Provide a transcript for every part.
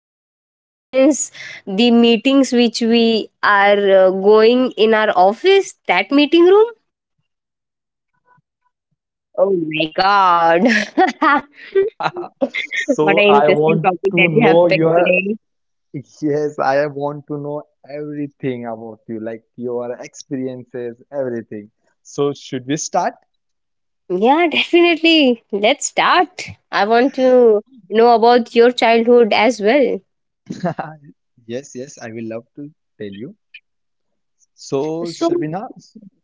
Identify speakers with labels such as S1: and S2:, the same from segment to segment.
S1: Boardroom, in a sense, the meetings which we are going in our office, that meeting room.
S2: Exactly, Shabina, you're right.
S1: Oh my god. What
S2: So,
S1: an
S2: I
S1: interesting
S2: want
S1: topic
S2: to
S1: that you have
S2: know
S1: picked
S2: your
S1: today.
S2: Yes, I want to know everything about you, like your experiences, everything. So, should we start?
S1: Yeah, definitely. Let's start. I want to know about your childhood as well.
S2: Yes, yes, I will love to tell you. So,
S1: So,
S2: Shabina,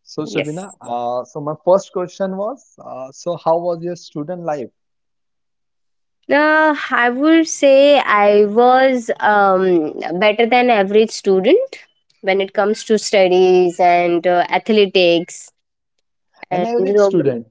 S2: so
S1: yes.
S2: Shabina, uh, so my first question was, so how was your student life?
S1: I would say I was better than average student when it comes to studies and athletics
S2: An
S1: and
S2: average student.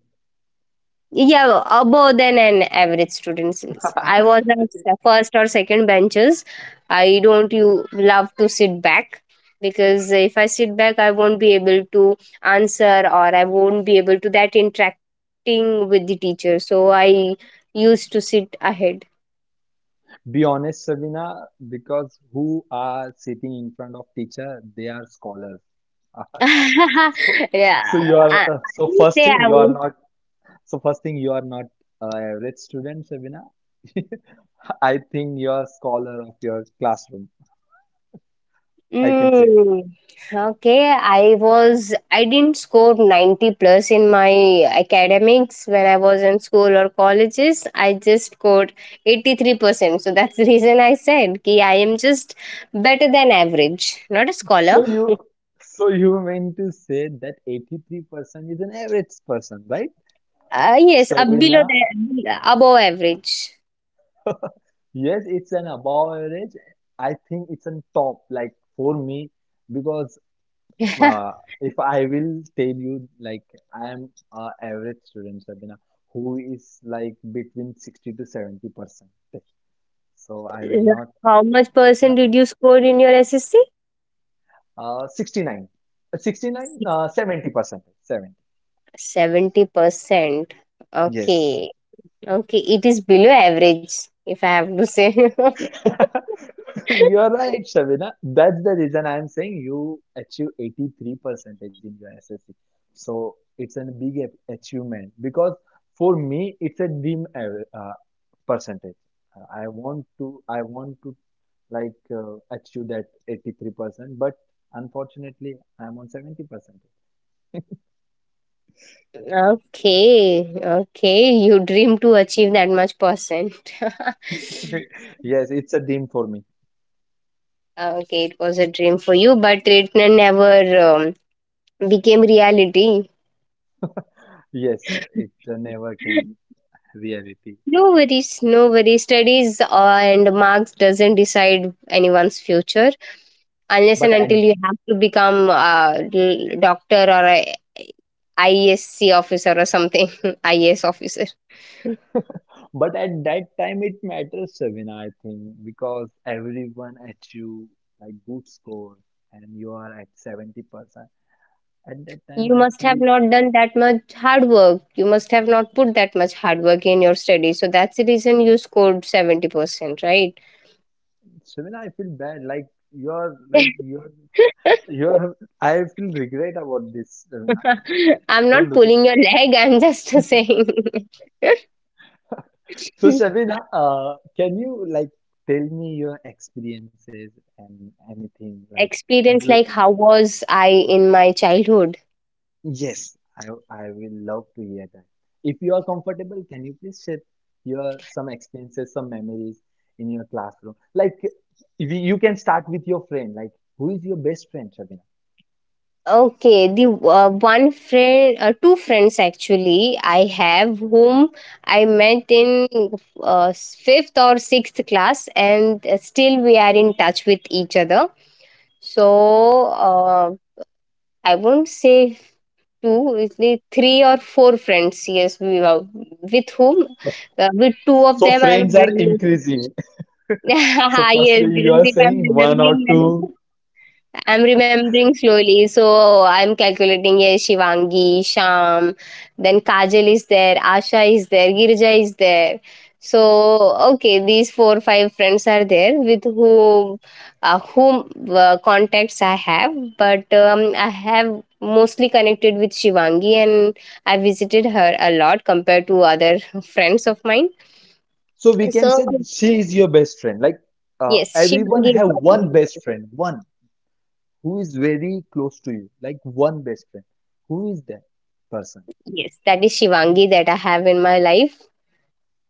S1: yeah, above than an average student since I was at first or second benches. I don't you love to sit back because if I sit back, I won't be able to answer or I won't be able to that interacting with the teacher. So I used to sit ahead.
S2: Be honest, Sabina, because who are sitting in front of teacher, they are scholars. So,
S1: Yeah,
S2: so you
S1: I,
S2: are
S1: I
S2: so
S1: wouldn't
S2: first
S1: say
S2: thing
S1: I
S2: you are
S1: was.
S2: not so first thing you are not average student, Sabina. I think you are scholar of your classroom. I can say.
S1: Mm, okay, I didn't score 90 plus in my academics when I was in school or colleges. I just scored 83%. So that's the reason I said ki I am just better than average, not a scholar.
S2: So you so you mean to say that 83% is an average person, right?
S1: Yes,
S2: Sabina,
S1: below the above average.
S2: yes, it's an above average. I think it's on top, like for me, because uh, if I will tell you, like I am a average student, Sabina, who is like between 60 to 70 percent. So I will not
S1: How much percent did you score in your SSC?
S2: uh, 69, Uh, 69, 70 percent, 70.
S1: 70%.
S2: Yes.
S1: Okay. Okay, it is below average if I have to say.
S2: You're right, Shabina. That's the reason I'm saying you achieve 83 percentage in your SSC. So it's a big achievement because for me it's a dream percentage. I want to like achieve that 83 percent, but unfortunately I'm on 70 percent.
S1: Okay, okay. You dream to achieve that much percent.
S2: Yes, it's a dream for me.
S1: Okay, it was a dream for you, but it never um, became reality.
S2: Yes, it never came reality.
S1: No worries, no worries. Studies and marks doesn't decide anyone's future unless
S2: But
S1: and
S2: at
S1: until you have to become a doctor or a IESC officer or something, IAS officer.
S2: But at that time, it matters, Savina, I think, because everyone achieves like good score and you are at 70%. At that time,
S1: You
S2: I
S1: must have
S2: feel,
S1: not done that much hard work. You must have not put that much hard work in your study. So that's the reason you scored 70%, right?
S2: Savina, I feel bad. Like you're, like you're, you're, I feel regret about this, Savina.
S1: I'm
S2: Don't
S1: not
S2: do this.
S1: pulling your leg, I'm just saying.
S2: So, Savina, can you like tell me your experiences and anything like you
S1: Experience like how was I in my childhood?
S2: Yes, I will love to hear that. If you are comfortable, can you please share your some experiences, some memories in your classroom? Like if you can start with your friend. Like who is your best friend, Shabina?
S1: Okay, the one friend, two friends actually, I have whom I met in fifth or sixth class, and still we are in touch with each other. So I won't say two, it's the three or four friends. Yes, we were with whom, with two of
S2: So
S1: them, I'm
S2: friends are
S1: really.
S2: increasing. So
S1: Yes,
S2: firstly, you
S1: because
S2: are
S1: if I'm
S2: saying one or
S1: remembering,
S2: two.
S1: I'm remembering slowly. So I'm calculating, yeah, Shivangi, Sham, then Kajal is there, Asha is there, Girija is there. So, okay, these 4 5 friends are there with whom, contacts I have, but I have mostly connected with Shivangi, and I visited her a lot compared to other friends of mine.
S2: So we can
S1: So,
S2: say she is your best friend. Like
S1: yes,
S2: everyone
S1: Shivangi is
S2: have
S1: one of.
S2: one best friend, one who is very close to you. Like one best friend. Who is that person?
S1: Yes, that is Shivangi that I have in my life.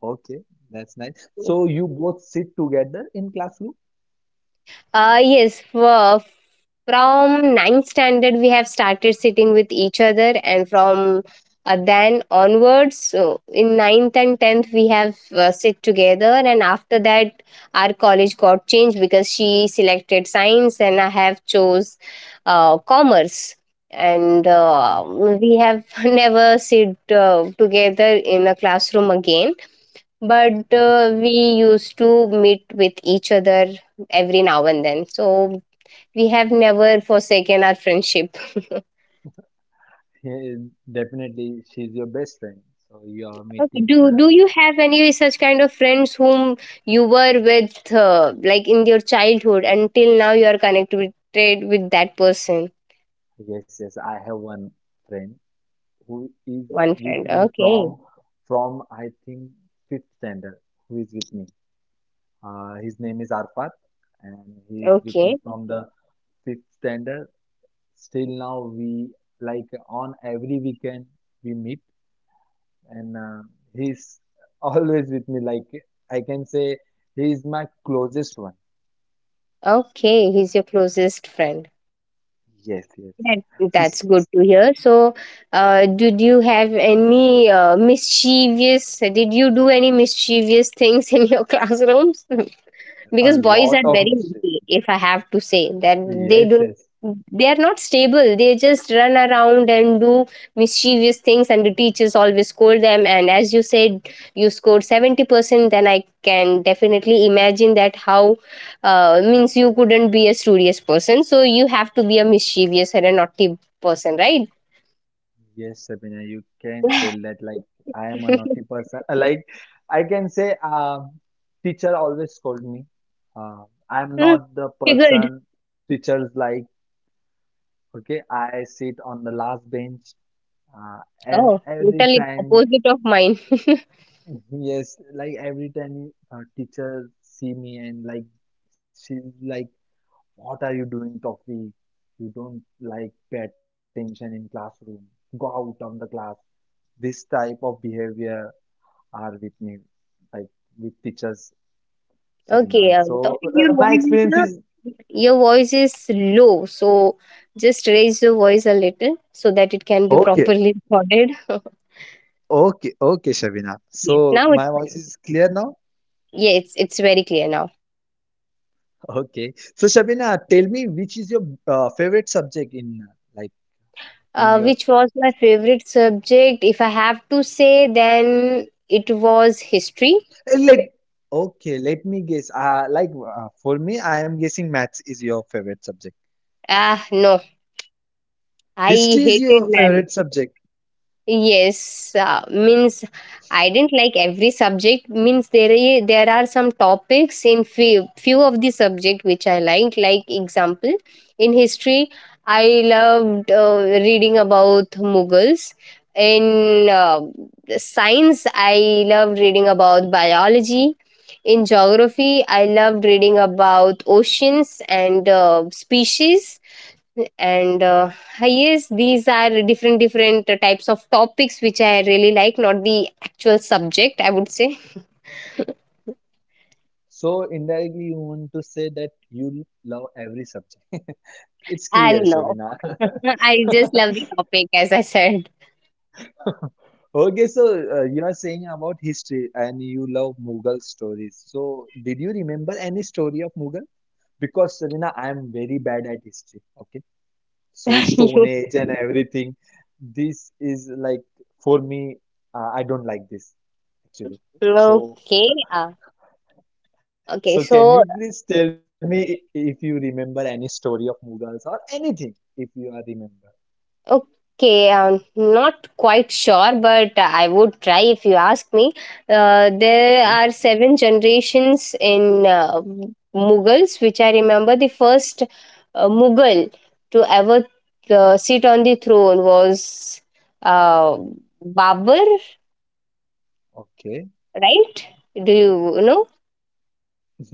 S2: Okay, that's nice. So you both sit together in classroom?
S1: Uh, yes, for, from ninth standard, we have started sitting with each other, and from then onwards, so in ninth and tenth, we have sit together. And after that, our college got changed because she selected science, and I have chose commerce. And
S2: Oh,
S1: we have never sit together in a classroom again, but
S2: okay.
S1: we used to meet with each other every now and then, so we have never forsaken our friendship. Okay.
S2: Yeah, definitely, she's your best friend. So you are meeting
S1: Do
S2: her.
S1: you have any such kind of friends whom you were with like in your childhood until now you are connected with that person?
S2: Yes, yes. I have one friend who is
S1: One
S2: with
S1: friend,
S2: me
S1: okay.
S2: from I think fifth standard. Who is with me? His name is Arfat, and he is with me
S1: Okay,
S2: from the fifth standard. Still now we like on every weekend we meet and he's always with me like I can say he is my closest one
S1: okay, he's your closest friend.
S2: yes yes
S1: That,
S2: so
S1: that's good to hear. So, did you have any mischievous? Did you do any mischievous things in your classrooms? Because
S2: a
S1: boys are
S2: lot
S1: very
S2: of mischief
S1: lucky, if I have to say that they
S2: yes
S1: do.
S2: yes
S1: They are not stable, they just run around and do mischievous things, and the teachers always scold them. And as you said you scored 70%, then I can definitely imagine that how means you couldn't be a studious person, so you have to be a mischievous or a naughty person, right?
S2: yes Sabina you can tell that like I am a naughty person. Like I can say teacher always scold me. uh, I am
S1: Hmm,
S2: not the
S1: figured.
S2: person teachers like. Okay, I sit on the last bench, uh, and
S1: Oh,
S2: every
S1: totally
S2: time.
S1: opposite of mine.
S2: Yes, like every time teacher see me and like she's like, "What are you doing, Tofi? You don't like pay attention in classroom. Go out of the class." This type of behavior are with me, like with teachers, Shabina.
S1: Okay,
S2: So
S1: Taufeeq, your
S2: my
S1: voice is
S2: experience
S1: not,
S2: is
S1: your voice is low, so just raise your voice a little so that it can be
S2: okay,
S1: properly recorded.
S2: okay, okay, Shabina.
S1: Yes,
S2: So
S1: now it's
S2: my voice
S1: fine.
S2: is clear now.
S1: Yeah, it's very clear now.
S2: Okay. So Shabina, tell me which is your favorite subject in like in your
S1: Which was my favorite subject? If I have to say, then it was history.
S2: Let okay, let me guess. Like for me, I am guessing maths is your favorite subject.
S1: Ah, no,
S2: History
S1: I
S2: is your
S1: hated.
S2: favorite subject.
S1: Yes, means I didn't like every subject. Means there there are some topics in few of the subject which I liked. Like example, in history, I loved reading about Mughals. In science, I loved reading about biology. In geography, I loved reading about oceans and species, and yes, these are different types of topics which I really like, not the actual subject, I would say.
S2: So indirectly, you want to say that you love every subject. It's
S1: I
S2: clear,
S1: love.
S2: Shabina.
S1: I just love the topic, as I said.
S2: Okay, so you are saying about history and you love Mughal stories. So did you remember any story of Mughal? Because Shabina, I am very bad at history. Okay. So Stone
S1: You.
S2: Age and everything. This is like for me, I don't like this actually. So
S1: Okay. uh,
S2: so
S1: okay
S2: can you
S1: so
S2: please tell me i- if you remember any story of Mughals or anything if you are remember?
S1: Okay, I'm not quite sure, but I would try if you ask me. There are
S2: Yes.
S1: seven generations in Mughals, which I remember the first Mughal to ever sit on the throne was uh, Babur,
S2: Okay.
S1: right? Do you know?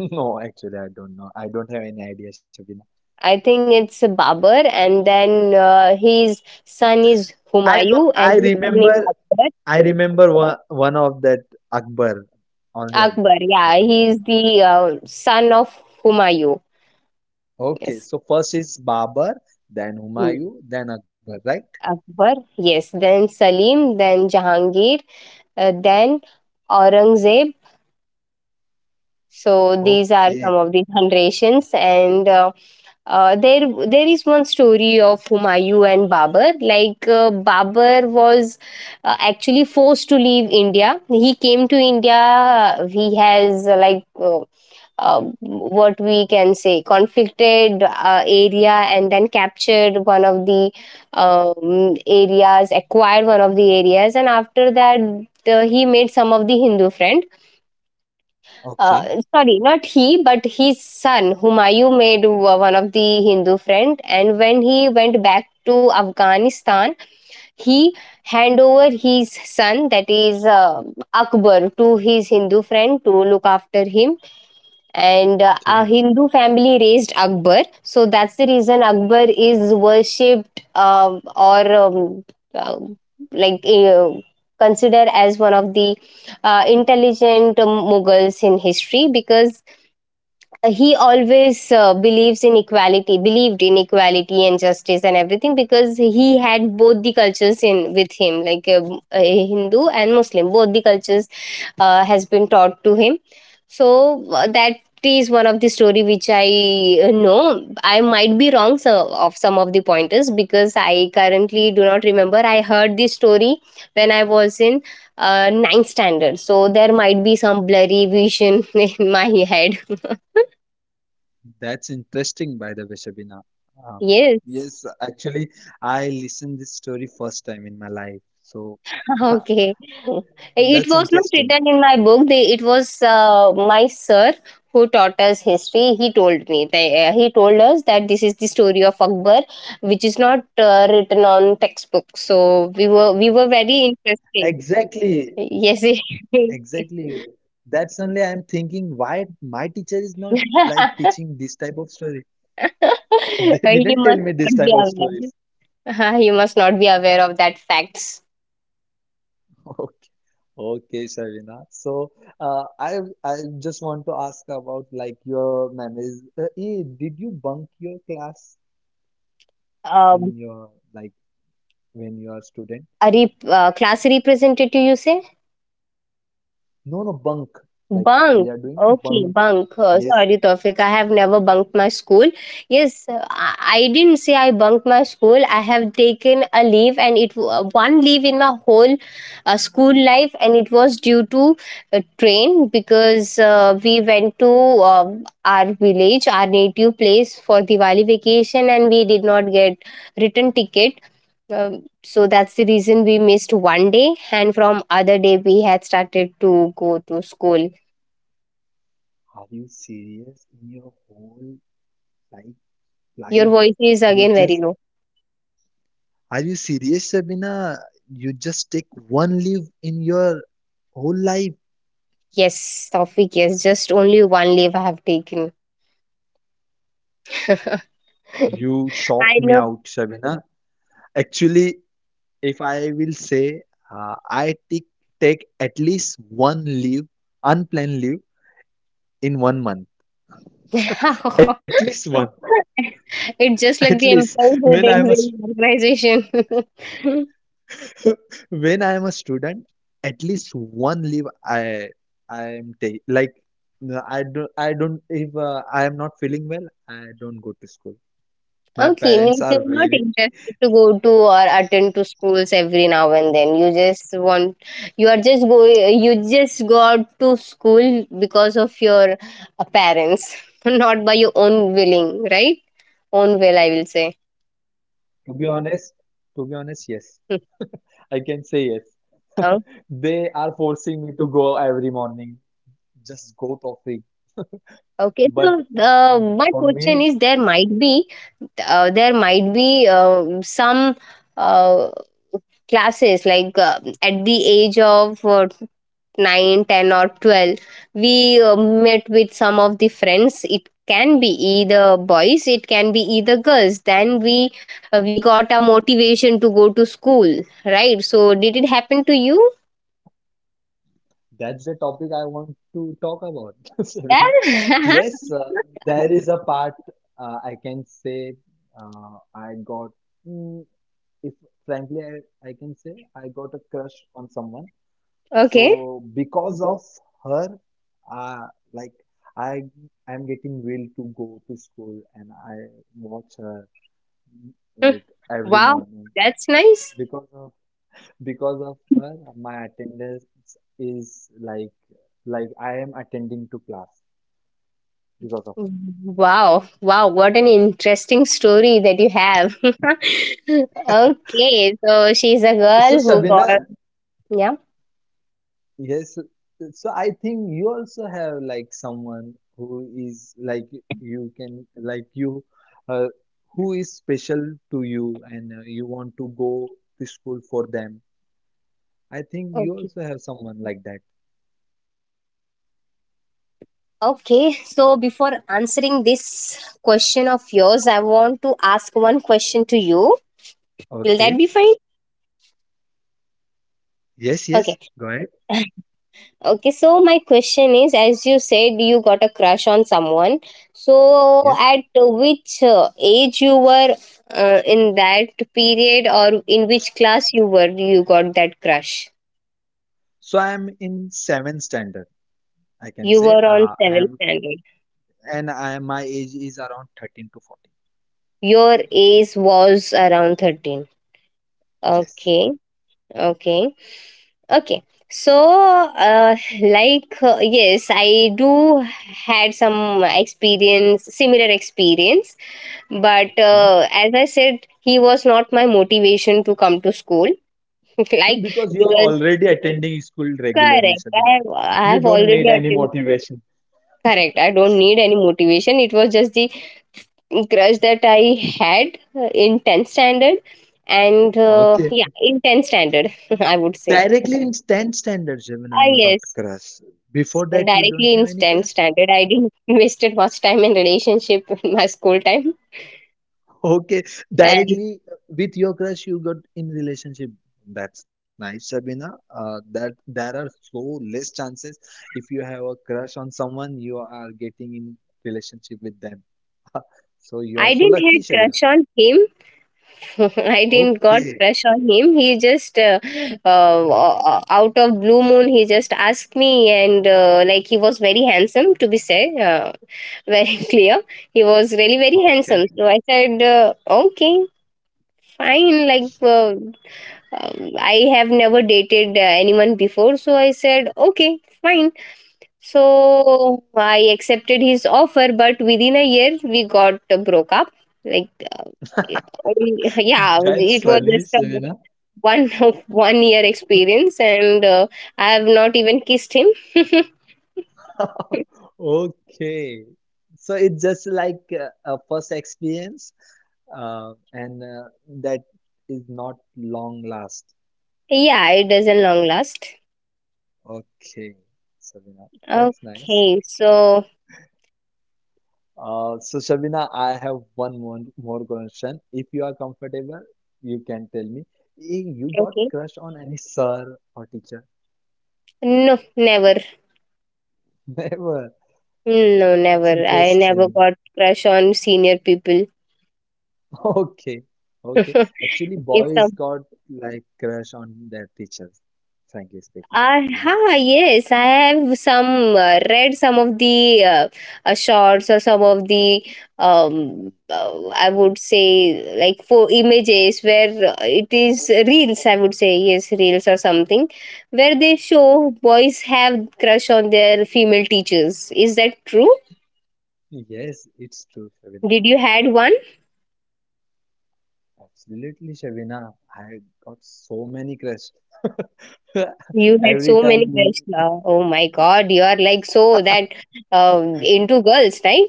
S2: No, actually I don't know. I don't have any idea, Shabina.
S1: I think it's Babur, and then his son is
S2: I know
S1: Humayun, and
S2: I
S1: his son
S2: remember
S1: is Akbar.
S2: I remember one, one of that Akbar. Only Akbar.
S1: Akbar,
S2: I
S1: yeah,
S2: don't
S1: he's
S2: remember.
S1: the son of Humayun.
S2: Okay,
S1: Yes.
S2: so first is Babar, then
S1: Hmm.
S2: Humayun, then Akbar, right?
S1: Akbar. Yes, then Salim, then Jahangir, then Aurangzeb. So these are some
S2: Okay.
S1: of the generations, and Uh, there, there is one story of Humayun and Babur. Like Babur was actually forced to leave India. He came to India. He has what we can say conflicted area, and then captured one of the areas, acquired one of the areas. And after that, he made some of the hindu friends.
S2: Okay,
S1: Sorry, not he, but his son, Humayun, made one of the Hindu friend. And when he went back to Afghanistan, he hand over his son, that is Akbar, to his Hindu friend to look after him, and a
S2: okay.
S1: Hindu family raised Akbar. So that's the reason Akbar is worshipped or um, like considered as one of the intelligent Mughals in history, because he always believes in equality believed in equality and justice and everything, because he had both the cultures in with him, like a hindu and muslim, both the cultures has been taught to him. So that is one of the story which I know. I might be wrong so, of some of the pointers, because I currently do not remember. I heard this story when I was in ninth standard, so there might be some blurry vision in my head.
S2: That's interesting, by the way, Shabina. Um,
S1: Yes.
S2: yes, actually, I listened this story first time in my life. So
S1: Okay. It
S2: that's
S1: was not
S2: interesting.
S1: written in my book. It was my sir who taught us history. He told me. He told us that this is the story of Akbar, which is not written on textbook. So we were very interested.
S2: Exactly,
S1: Yes. You
S2: exactly. That's only I'm thinking why my teacher is not like teaching this type of story. They didn't tell me
S1: must
S2: this type
S1: not
S2: of
S1: be
S2: stories.
S1: aware. You must not be aware of that facts.
S2: Okay, okay, Shavina. So, uh, I I just want to ask about like your memories. Did you bunk your class? In
S1: Um,
S2: your like when you are student?
S1: a class representative, you say?
S2: No, no, bunk. Like we are
S1: Bunk.
S2: doing
S1: Okay,
S2: bunk.
S1: bunk.
S2: Yes.
S1: Sorry, Tawfiq. I have never bunked my school. Yes, I didn't say I bunked my school. I have taken a leave, and it one leave in my whole school life, and it was due to a train, because we went to um our village, our native place for Diwali vacation, and we did not get return ticket. So that's the reason we missed one day, and from other day we had started to go to school.
S2: Are you serious in your life,
S1: Your
S2: life?
S1: voice is again
S2: You
S1: very
S2: just
S1: low.
S2: are you serious, Sabina? You just take one leave in your whole life.
S1: Yes, Taufik, yes. Just only one leaf I have taken. I
S2: You shocked me
S1: know.
S2: out, Sabina. Actually, if I will say, I take at least one leave, unplanned leave in 1 month. At least one.
S1: It's just
S2: At
S1: like the
S2: least
S1: employee
S2: when
S1: who
S2: I'm
S1: takes
S2: a
S1: the organization.
S2: when I am a student, at least one leave I am take like no, I don't if I am not feeling well, I don't go to school. My
S1: Okay, means
S2: parents
S1: you're
S2: are
S1: not
S2: very
S1: interested to go to or attend to schools every now and then. You just want, you are just going, you just go out to school because of your parents, not by your own willing, right? Own will, I will say.
S2: to be honest, to be honest, yes. I can say yes. They are forcing me to go every morning. Just go topic. But
S1: Okay,
S2: uh,
S1: so
S2: for
S1: my
S2: me,
S1: question is there might be some uh, classes like at the age of 9 ten or 12, we met with some of the friends, it can be either boys, it can be either girls, then we got a motivation to go to school, right? So did it happen to you?
S2: that's the topic I want to talk about.
S1: Yeah.
S2: Yes, there is a part I can say I got, mm, if frankly I can say I got a crush on someone.
S1: Okay.
S2: So because of her, uh, like I I'm getting will to go to school and I watch her
S1: Hmm.
S2: like every
S1: Wow,
S2: morning.
S1: that's nice.
S2: Because of because of her, my attendance is like I am attending to class because of her.
S1: Wow, wow, what an interesting story that you have. Okay, so she's a girl
S2: So,
S1: who got,
S2: Sabina,
S1: yeah,
S2: yes, so I think you also have like someone who is like you can like you uh, who is special to you and you want to go to school for them. I think
S1: okay.
S2: you also have someone like that.
S1: Okay, so before answering this question of yours, I want to ask one question to you. Will that be fine?
S2: Okay. Yes,
S1: Okay.
S2: yes. Go ahead.
S1: Okay, so my question is, as you said, you got a crush on someone. So
S2: Yes.
S1: at which age you were in that period, or in which class you were, you got that crush?
S2: So I am in seventh standard, I
S1: You
S2: can
S1: were
S2: say.
S1: on 7th
S2: I am
S1: standard.
S2: and I my age is around 13 to 14.
S1: Your age was around 13. Okay.
S2: Yes.
S1: Okay. Okay. So yes, I do had some experience, similar experience, but
S2: Okay.
S1: as I said, he was not my motivation to come to school like
S2: Because
S1: because
S2: you're already attending school regularly, Sabina.
S1: I have
S2: You don't
S1: already
S2: need any
S1: attained.
S2: motivation.
S1: Correct, I don't need any motivation. It was just the crush that I had in 10th standard. And Yeah,
S2: Okay.
S1: in 10th standard, I would say.
S2: Directly in 10th standard,
S1: Ah
S2: Sabina, you got
S1: yes,
S2: crush.
S1: directly in
S2: Before
S1: 10th
S2: that, you don't
S1: standard, I
S2: have any
S1: didn't
S2: crush.
S1: wasted much time in relationship in my school time.
S2: Okay.
S1: And
S2: Directly with your crush, you got in relationship. That's nice, Sabina. That there are so less chances if you have a crush on someone, you are getting in relationship with them. So you
S1: I
S2: are so
S1: didn't had
S2: lucky,
S1: crush
S2: Shabina.
S1: on him. I didn't got
S2: Okay.
S1: pressure on him. He just out of blue moon, he just asked me, and like, he was very handsome to be said, very clear. He was really very handsome.
S2: Okay.
S1: So I said, okay, fine. Like I have never dated anyone before, so I said, okay, fine. So I accepted his offer, but within a year we got broke up. Like, uh, yeah, yeah,
S2: That's
S1: it was
S2: funny,
S1: just a
S2: Shabina.
S1: one 1 year experience, and I have not even kissed him.
S2: Okay. So it's just like a first experience, and that is not long last.
S1: Yeah, it doesn't long last.
S2: Okay, Shabina, that's nice.
S1: Okay, so
S2: So Shabina, I have one more, more question. If you are comfortable, you can tell me. Eh, you got
S1: okay,
S2: crush on any sir or teacher?
S1: no, never,
S2: Never.
S1: no,
S2: That's
S1: never. I never
S2: interesting.
S1: got crush on senior people.
S2: Okay, okay. Actually,
S1: If,
S2: boys got like crush on their teachers, frankly speaking,
S1: uh,
S2: Shabina.
S1: huh, yes, I have some read some of the shots or some of the I would say, like, for images where it is reels. I would say yes, reels or something where they show boys have crush on their female teachers. Is that true?
S2: Yes, it's true, Shabina.
S1: Did you had one?
S2: Absolutely, Shabina. I got so many crush.
S1: You had
S2: Every
S1: so many
S2: time,
S1: crush now. Oh my God, you are like so that into girls, right?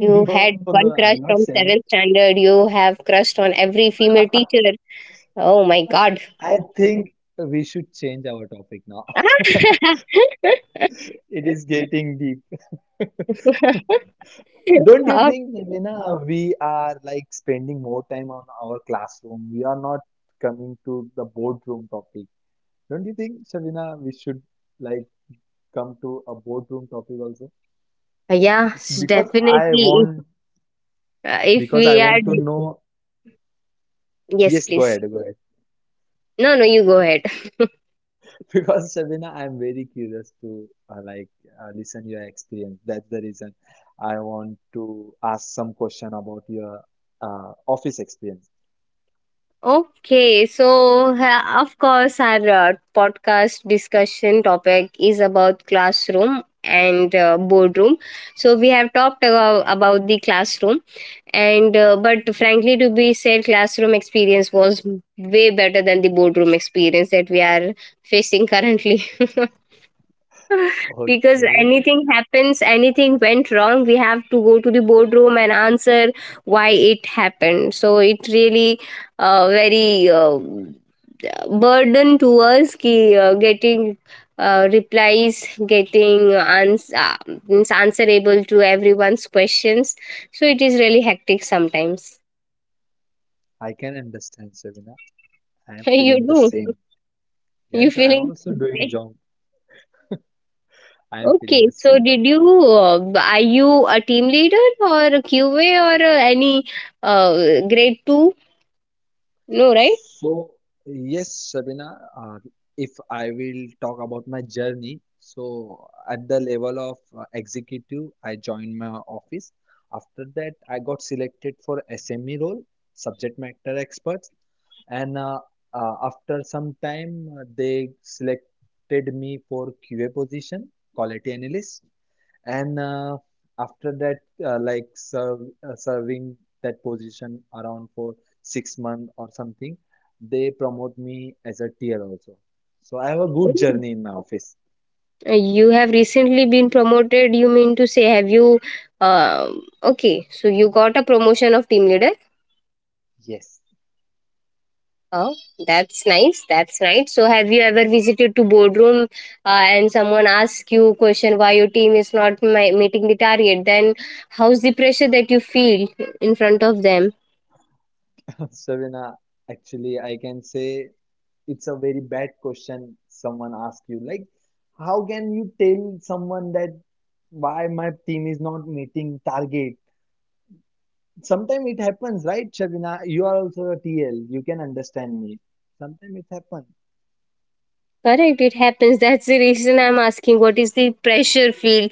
S1: You
S2: no,
S1: had
S2: no, I'm
S1: one
S2: not
S1: crush from
S2: saying.
S1: seventh standard. You have crushed on every female teacher. Oh my god.
S2: I think we should change our topic now. It is getting deep. Don't you
S1: Oh,
S2: think, Helena, we are like spending more time on our classroom? We are not coming to the boardroom topic. Don't you think, Shavina, we should like come to a boardroom topic also?
S1: yeah, s-
S2: Because
S1: definitely.
S2: I want,
S1: If
S2: because
S1: we
S2: I
S1: had.
S2: want to know.
S1: Yes,
S2: Yes, go
S1: please.
S2: ahead, go ahead.
S1: No, no, you go ahead.
S2: Because Shavina, I'm very curious to like listen your experience. That's the reason I want to ask some question about your office experience.
S1: Okay, so ha- of course, our podcast discussion topic is about classroom and boardroom. So we have talked about the classroom, and but frankly, to be said, classroom experience was way better than the boardroom experience that we are facing currently. Because
S2: Okay,
S1: anything happens, anything went wrong, we have to go to the boardroom and answer why it happened. So it really, very burden to us ki getting replies, getting ans- uh, means answerable to everyone's questions. So it is really hectic sometimes.
S2: I can understand, Shavina. I am
S1: you
S2: feeling the
S1: do
S2: same.
S1: you
S2: Yes, I
S1: feeling.
S2: am also doing job. I am
S1: Okay,
S2: feeling the
S1: so
S2: same.
S1: did you, are you a team leader or a QA or any uh, grade 2? No, right?
S2: So, yes, Sabina, uh, if I will talk about my journey, so at the level of executive, I joined my office. After that, I got selected for SME role, subject matter experts, and after some time, they selected me for QA position, quality analyst. And after that, uh, like serve, serving that position around for 6 months or something, they promote me as a tier also. So I have a good
S1: Mm.
S2: journey in my office.
S1: You have recently been promoted. You mean to say, have you uh, okay, so you got a promotion of team leader?
S2: Yes.
S1: Oh, that's nice. That's nice. So have you ever visited to boardroom and someone asks you question why your team is not my, meeting the target? Then how's the pressure that you feel in front of them?
S2: Savina, actually, I can say it's a very bad question someone asks you. Like, how can you tell someone that why my team is not meeting target? Sometimes it happens, right, Shabina? You are also a TL. You can understand me. Sometimes it happens.
S1: Correct, it happens. That's the reason I'm asking, what is the pressure feel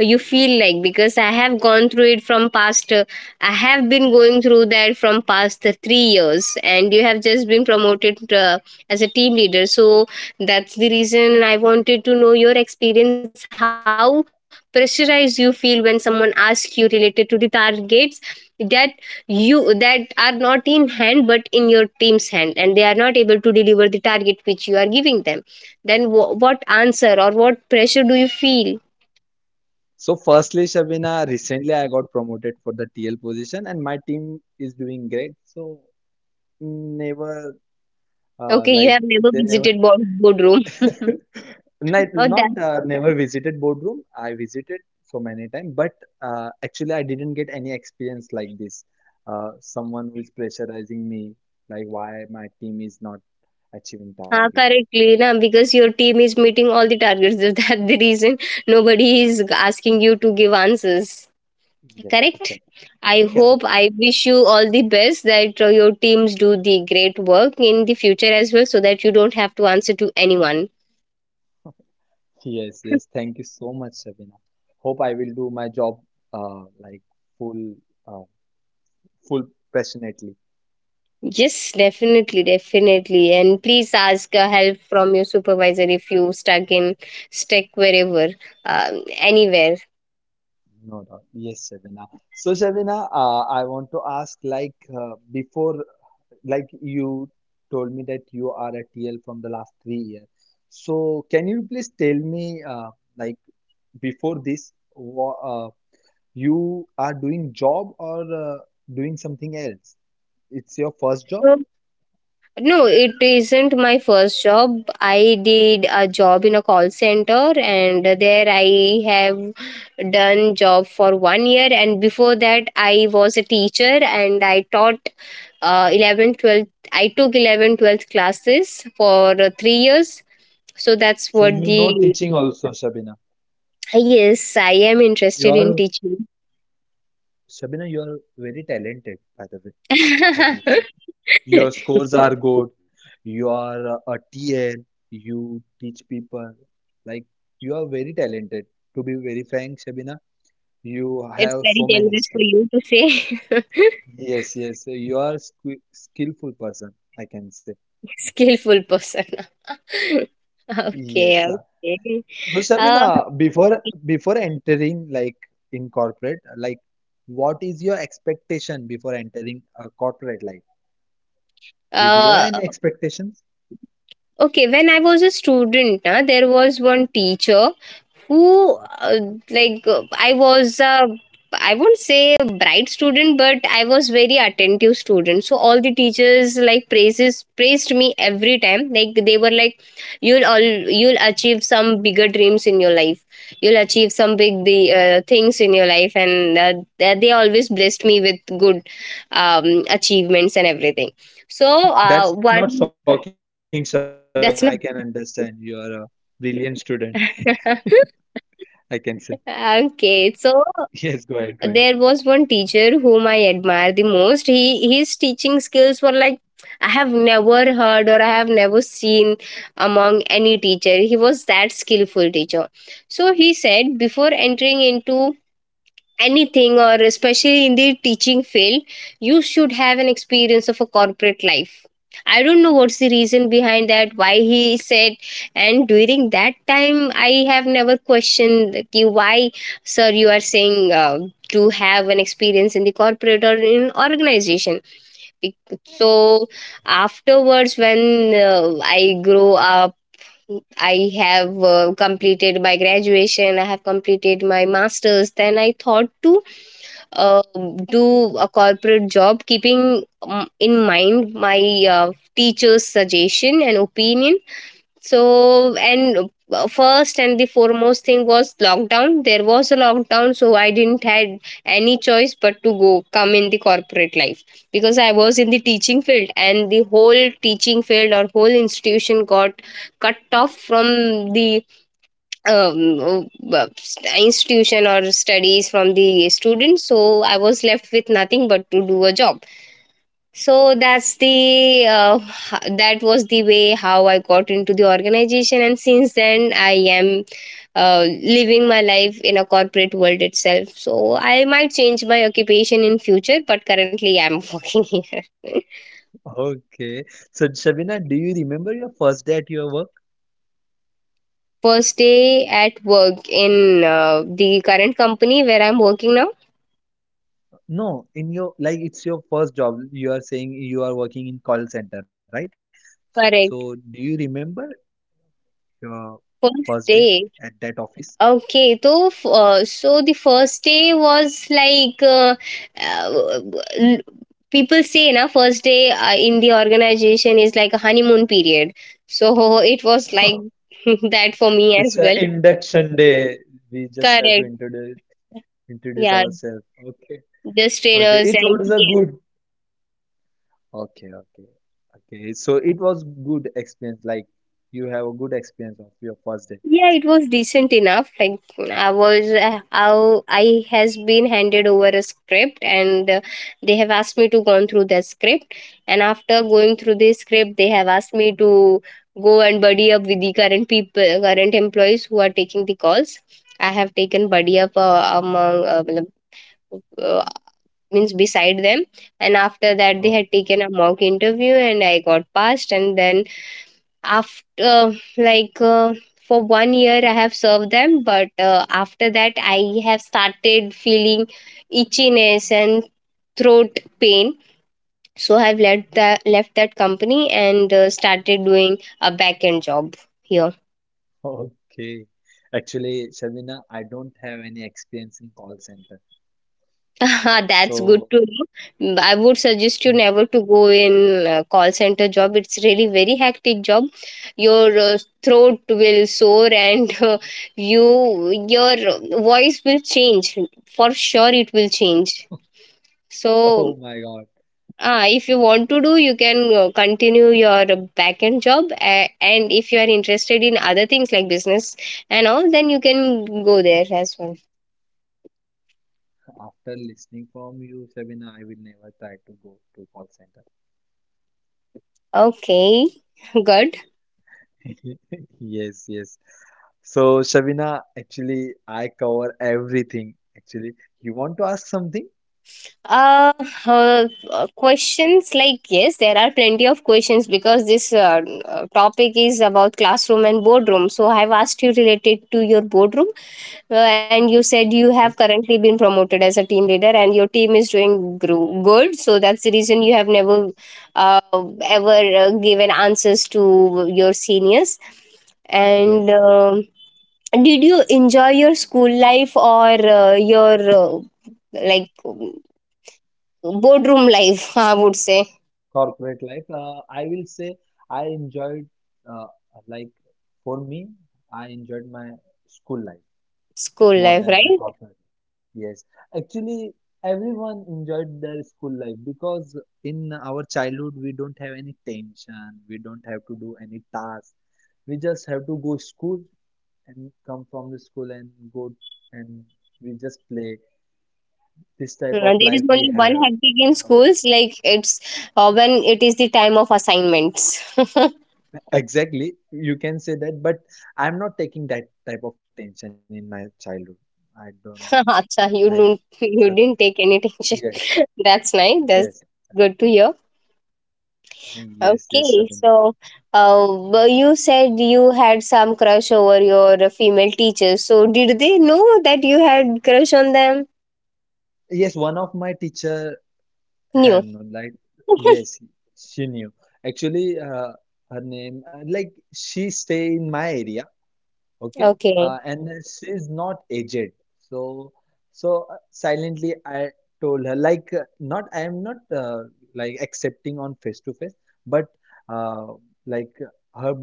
S1: you feel like? Because I have gone through it from past, I have been going through that from past 3 years, and you have just been promoted as a team leader. So that's the reason I wanted to know your experience, how pressurized you feel when someone asks you related to the targets that you, that are not in hand but in your team's hand, and they are not able to deliver the target which you are giving them. Then what answer or what pressure do you feel?
S2: So, firstly, Shabina, recently I got promoted for the TL position, and my team is doing great. So, never
S1: Okay, you
S2: like
S1: have never
S2: they never
S1: visited board boardroom.
S2: not,
S1: Oh, that
S2: not never visited boardroom. I visited so many times, but actually I didn't get any experience like this. Someone who is pressurizing me, like why my team is not achieving target.
S1: correctly, na, because your team is meeting all the targets. That's the reason nobody is asking you to give answers.
S2: Yes,
S1: Correct.
S2: exactly.
S1: I hope,
S2: Correct.
S1: I wish you all the best that your teams do the great work in the future as well, so that you don't have to answer to anyone.
S2: Yes, yes. Thank you so much, Sabina. Hope I will do my job uh, like full, uh, full passionately.
S1: Yes, definitely, definitely. And please ask help from your supervisor if you stuck in stuck wherever, anywhere.
S2: No doubt. Yes, Sabina. So, Sabina, I want to ask like before, like you told me that you are a TL from the last 3 years. So, can you please tell me like before this, wha you are doing job or doing something else? It's your first job?
S1: So, no, it isn't my first job. I did a job in a call center, and there I have done job for 1 year. And before that, I was a teacher, and I taught uh, 11th, I took 11th classes for 3 years. So that's
S2: So
S1: what
S2: you know
S1: the.
S2: teaching also, Shabina.
S1: Yes, I am
S2: You
S1: interested in
S2: are
S1: teaching.
S2: Shabina, you are very talented, by the way, I can say.
S1: It's
S2: Your scores are good. You are a TL. You teach people. Like you are very talented. To be very frank, Shabina, you have
S1: very
S2: so many
S1: generous for
S2: skills.
S1: you to say.
S2: Yes, yes. You are skillful person, I can say.
S1: Skillful person.
S2: Yes.
S1: Okay, okay.
S2: So
S1: Uh,
S2: Shabina, before entering like in corporate, like what is your expectation before entering a corporate life? Did you have
S1: uh,
S2: any expectations?
S1: Okay, when I was a student, na, there was one teacher who, like, uh, I was, uh, I won't say a bright student, but I was very attentive student. So all the teachers like praises praised me every time. Like, they were like, you'll achieve some bigger dreams in your life. You'll achieve some big the things in your life, and they always blessed me with good achievements and everything. So
S2: That's not shocking,
S1: one
S2: Shabina. I can understand. You are a
S1: that's not.
S2: brilliant student, I can say. Yes, go
S1: Okay,
S2: ahead, go
S1: so
S2: ahead.
S1: there was one teacher whom I admire the most. He, his teaching skills were like, I have never heard or I have never seen among any teacher. He was that skillful teacher. So he said, before entering into anything, or especially in the teaching field, you should have an experience of a corporate life. I don't know what's the reason behind that, why he said, and during that time I have never questioned that, you why, sir, you are saying to have an experience in the corporate or in organization. So afterwards, when I grow up, I have completed my graduation, I have completed my masters, then I thought to uh, do a corporate job, keeping in mind my teacher's suggestion and opinion. So, and first and the foremost thing was lockdown. There was a lockdown, so I didn't had any choice but to go come in the corporate life, because I was in the teaching field, and the whole teaching field or whole institution got cut off from the um, uh, institution or studies from the students. So I was left with nothing but to do a job. So that's the that was the way how I got into the organization, and since then I am living my life in a corporate world itself. So I might change my occupation in future, but currently I'm working here.
S2: Okay. So Shabina, do you remember your first day at your work?
S1: First day at work in the current company where I'm working now.
S2: No, in your like it's your first job. You are saying you are working in call center, right? So do you
S1: Correct,
S2: remember your first day
S1: first
S2: at that
S1: day.
S2: office?
S1: Okay, so so the first day was like uh, l- people say na, first day in the organization is like a honeymoon period. So it was like that for me as
S2: It's an
S1: well.
S2: induction day. We just have to
S1: Correct.
S2: introduce
S1: Yeah,
S2: ourselves. Okay.
S1: just
S2: Okay.
S1: trainers
S2: It
S1: and.
S2: was a good. Okay. Okay. Okay. So it was good experience. Like you have a good experience of your first day.
S1: Yeah, it was decent enough. Like, I was, how I has been handed over a script, and they have asked me to go through that script. And after going through the script, they have asked me to go and buddy up with the current people, current employees who are taking the calls. I have taken buddy up among matlab, uh, means beside them, and after that they had taken
S2: Okay.
S1: a mock interview, and I got passed. And then after like, for 1 year I have served them, but after that I have started feeling itchiness and throat pain. So I've left that company, and started doing a back end job here.
S2: Okay. Actually, Shabina, I don't have any experience in call center.
S1: That's good
S2: So,
S1: to know. I would suggest you never to go in call center job. It's really very hectic job. Your throat will sore, and your voice will change. For sure it will change.
S2: oh my
S1: So
S2: God.
S1: if you want to, do, you can continue your back end job, and if you are interested in other things like business and all, then you can go there as well.
S2: After listening from you, Shabina, I will never try to go to call
S1: Okay. Good.
S2: center. Yes. Yes. So, Shavina, actually, I cover everything. Actually, you want to ask something?
S1: uh, questions, like, yes, there are plenty of questions because this topic is about classroom and boardroom, so I've asked you related to your boardroom and you said you have
S2: Yes,
S1: currently been promoted as a team leader and your team is doing good, so that's the reason you have never uh, ever given answers to your seniors. and
S2: yes.
S1: uh, did you enjoy your school life or your like boardroom life, I would say?
S2: Corporate life. I will say I enjoyed, uh, like for me, I enjoyed my school life
S1: School
S2: more
S1: life,
S2: than my
S1: right.
S2: corporate life. Yes, actually, everyone enjoyed their school life because in our childhood we don't have any tension, we don't have to do any task. We just have to go school and come from the school and go and we just play this type of
S1: There is
S2: life we
S1: only one
S2: have,
S1: hectic in
S2: you know.
S1: schools, like it's when it is the time of assignments.
S2: Exactly, you can say that, but I'm not taking that type of tension in my childhood. I don't.
S1: Acha,
S2: Like,
S1: you don't
S2: so
S1: you didn't take any tension?
S2: yes,
S1: that's nice,
S2: yes.
S1: that's good to hear.
S2: Hey, yes, yes,
S1: Okay,
S2: Shabina.
S1: so, uh, well, you said you had some crush over your female teachers, so did they know that you had crush on them?
S2: Yes, one of my teacher
S1: No.
S2: have, no, like, yes, she knew. Actually, her name like she stay in my area. Okay.
S1: okay,
S2: And she's not aged. So, so silently I told her, like, not, I am not like accepting on face to face, but uh, like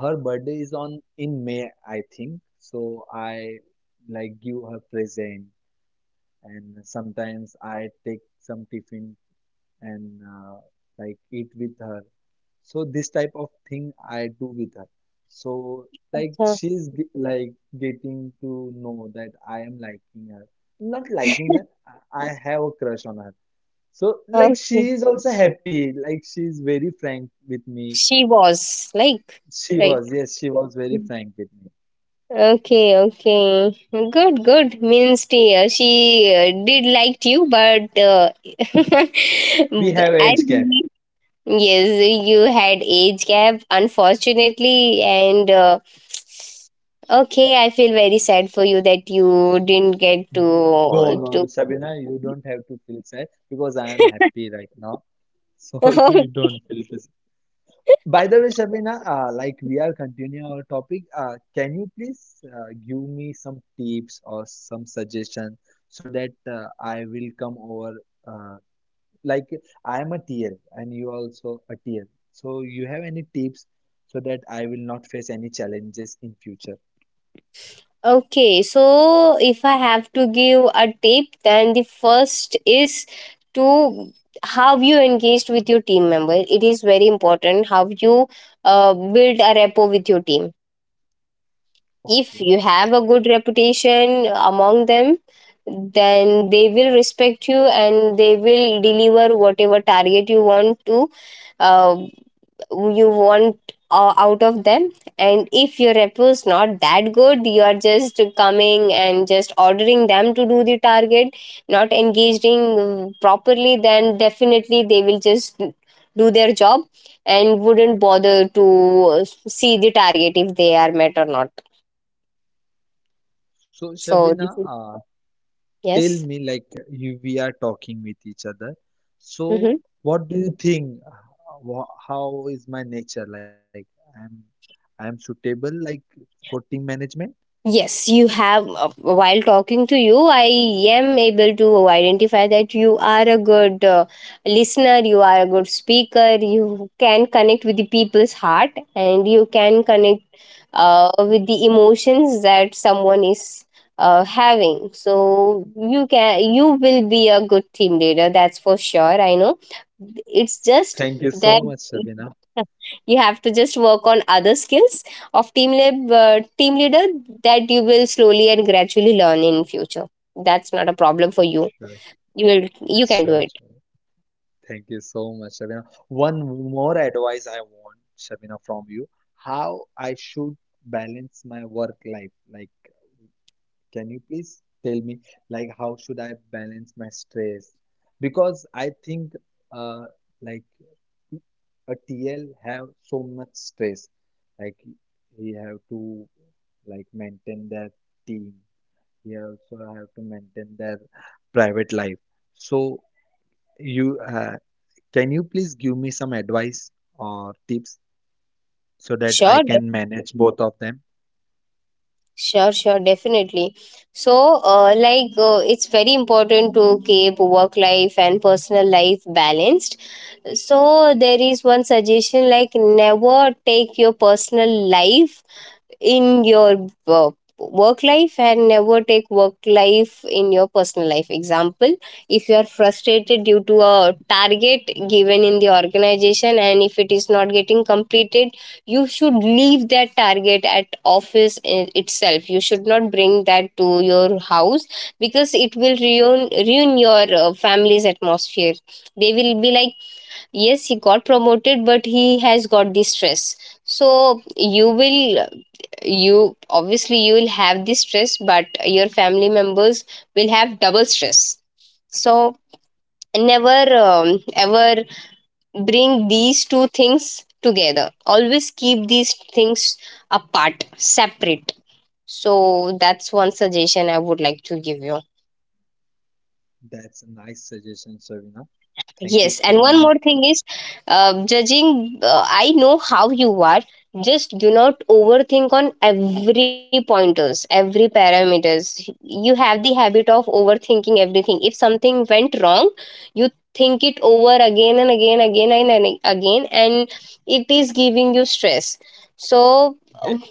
S2: her birthday is on in May, I think. So I like give her present, and sometimes I take some tiffin and like eat with her. So this type of thing I do with her. So like
S1: so,
S2: like getting to know that I am liking her. Not liking her, I have a crush on her. So like she
S1: okay,
S2: is also happy. Like she's very frank with me.
S1: she was, like,
S2: She
S1: right.
S2: was, yes, she was very frank with me.
S1: Okay, okay. Good, good. Means she did liked you, but
S2: We have
S1: I,
S2: age gap.
S1: yes, you had age gap, unfortunately, and okay, I feel very sad for you that you didn't get
S2: No,
S1: to
S2: no, Sabina, you don't have to feel sad because I am happy right now. So
S1: to.
S2: you don't feel. By the way, Shabina, like we are continuing our topic, can you please give me some tips or some suggestion so that I will come over? Uh, like I am a TL and you also a TL, so you have any tips so that I will not face any challenges in future?
S1: Okay, so if I have to give a tip, then the first is to how you engaged with your team member. It is very important how you build a rapport with your team. If
S2: Okay.
S1: you have a good reputation among them, then they will respect you and they will deliver whatever target you want to, uh, you want out of them. And if your rep was not that good, you are just coming and just ordering them to do the target, not engaging properly, then definitely they will just do their job and wouldn't bother to see the target if they are met or not.
S2: So
S1: So
S2: Shabina,
S1: this is,
S2: tell
S1: yes.
S2: me like you we are talking with each other, so
S1: Mm-hmm.
S2: what do you think how is my nature? Like i'm I'm suitable like for team management?
S1: Yes, you have. While talking to you, I am able to identify that you are a good listener, you are a good speaker, you can connect with the people's heart, and you can connect with the emotions that someone is having. So you can, you will be a good team leader. That's for sure, I know. It's just
S2: Thank you so
S1: that
S2: much, Shabina.
S1: you have to just work on other skills of team leader that you will slowly and gradually learn in future. That's not a problem for you.
S2: Sure,
S1: You, will you can do
S2: sure,
S1: it.
S2: sure. Thank you so much, Shabina. One more advice I want, Shabina, from you. How I should balance my work life? Like, can you please tell me, like, how should I balance my stress? Because I think, uh, like, a TL have so much stress. Like, he have to like maintain their team. He also have to maintain their private life. So, you can you please give me some advice or tips so that I
S1: sure
S2: can
S1: de-
S2: manage both of them?
S1: sure, sure, definitely. So it's very important to keep work life and personal life balanced. So there is one suggestion, like, never take your personal life in your work life, and never take work life in your personal life. Example, if you are frustrated due to a target given in the organization and if it is not getting completed, you should leave that target at office itself. You should not bring that to your house because it will ruin your family's atmosphere. They will be like, yes, he got promoted but he has got the stress. So you will, you obviously you will have this stress, but your family members will have double stress. So never ever bring these two things together. Always keep these things apart, separate. So that's one suggestion I would like to give you.
S2: That's a nice suggestion, Savina. Thank you
S1: Yes, and
S2: so
S1: one
S2: much.
S1: more thing is, judging. I know how you are. Just do not overthink on every pointers, every parameters. You have the habit of overthinking everything. If something went wrong, you think it over again and again, again and again, and it is giving you stress. So um,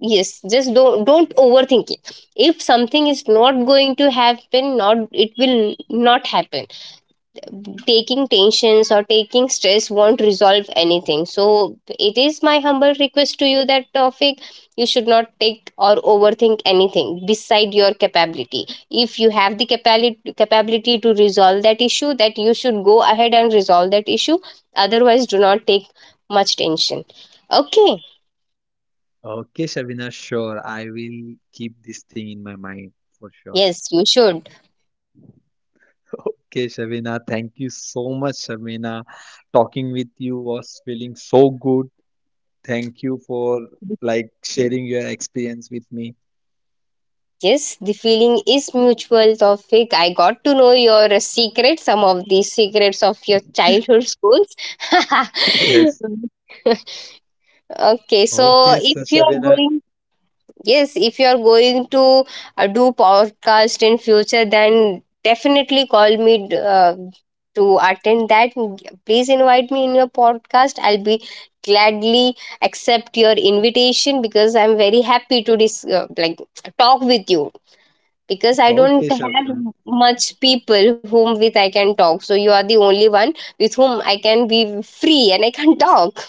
S1: yes, just don't overthink it. If something is not going to happen, not, it will not happen. Taking tensions or taking stress won't resolve anything. So it is my humble request to you, that topic you should not take or overthink anything beside your capability. If you have the capability to resolve that issue, that you should go ahead and resolve that issue. Otherwise, do not take much tension, okay?
S2: Okay, Shabina, sure. I will keep this thing in my mind for sure.
S1: Yes, you should.
S2: Okay, Shabina, thank you so much, Shabina. Talking with you was feeling so good. Thank you for like sharing your experience with me.
S1: Yes, the feeling is mutual, Tawfiq. I got to know your secret, some of the secrets of your childhood schools.
S2: Yes.
S1: okay,
S2: Okay,
S1: so
S2: so
S1: if you are
S2: Shabina.
S1: going, yes, if you are going to do podcast in future, then definitely call me to attend that. Please invite me in your podcast. I'll be gladly accept your invitation because I'm very happy to talk with you because I don't
S2: Okay,
S1: have
S2: Shabina.
S1: much people whom with I can talk. So you are the only one with whom I can be free and I can talk.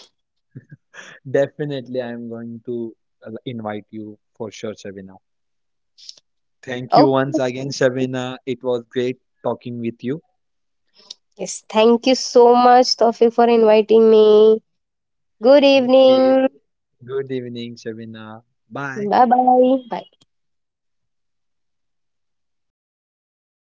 S2: Definitely, I'm going to invite you for sure, Shabina. Thank you once
S1: Okay.
S2: again, Shabina. It was great talking with you.
S1: Yes, thank you so much, Tofik, for inviting me. Good
S2: Okay.
S1: evening.
S2: Good evening, Shabina. Bye.
S1: Bye bye. Bye.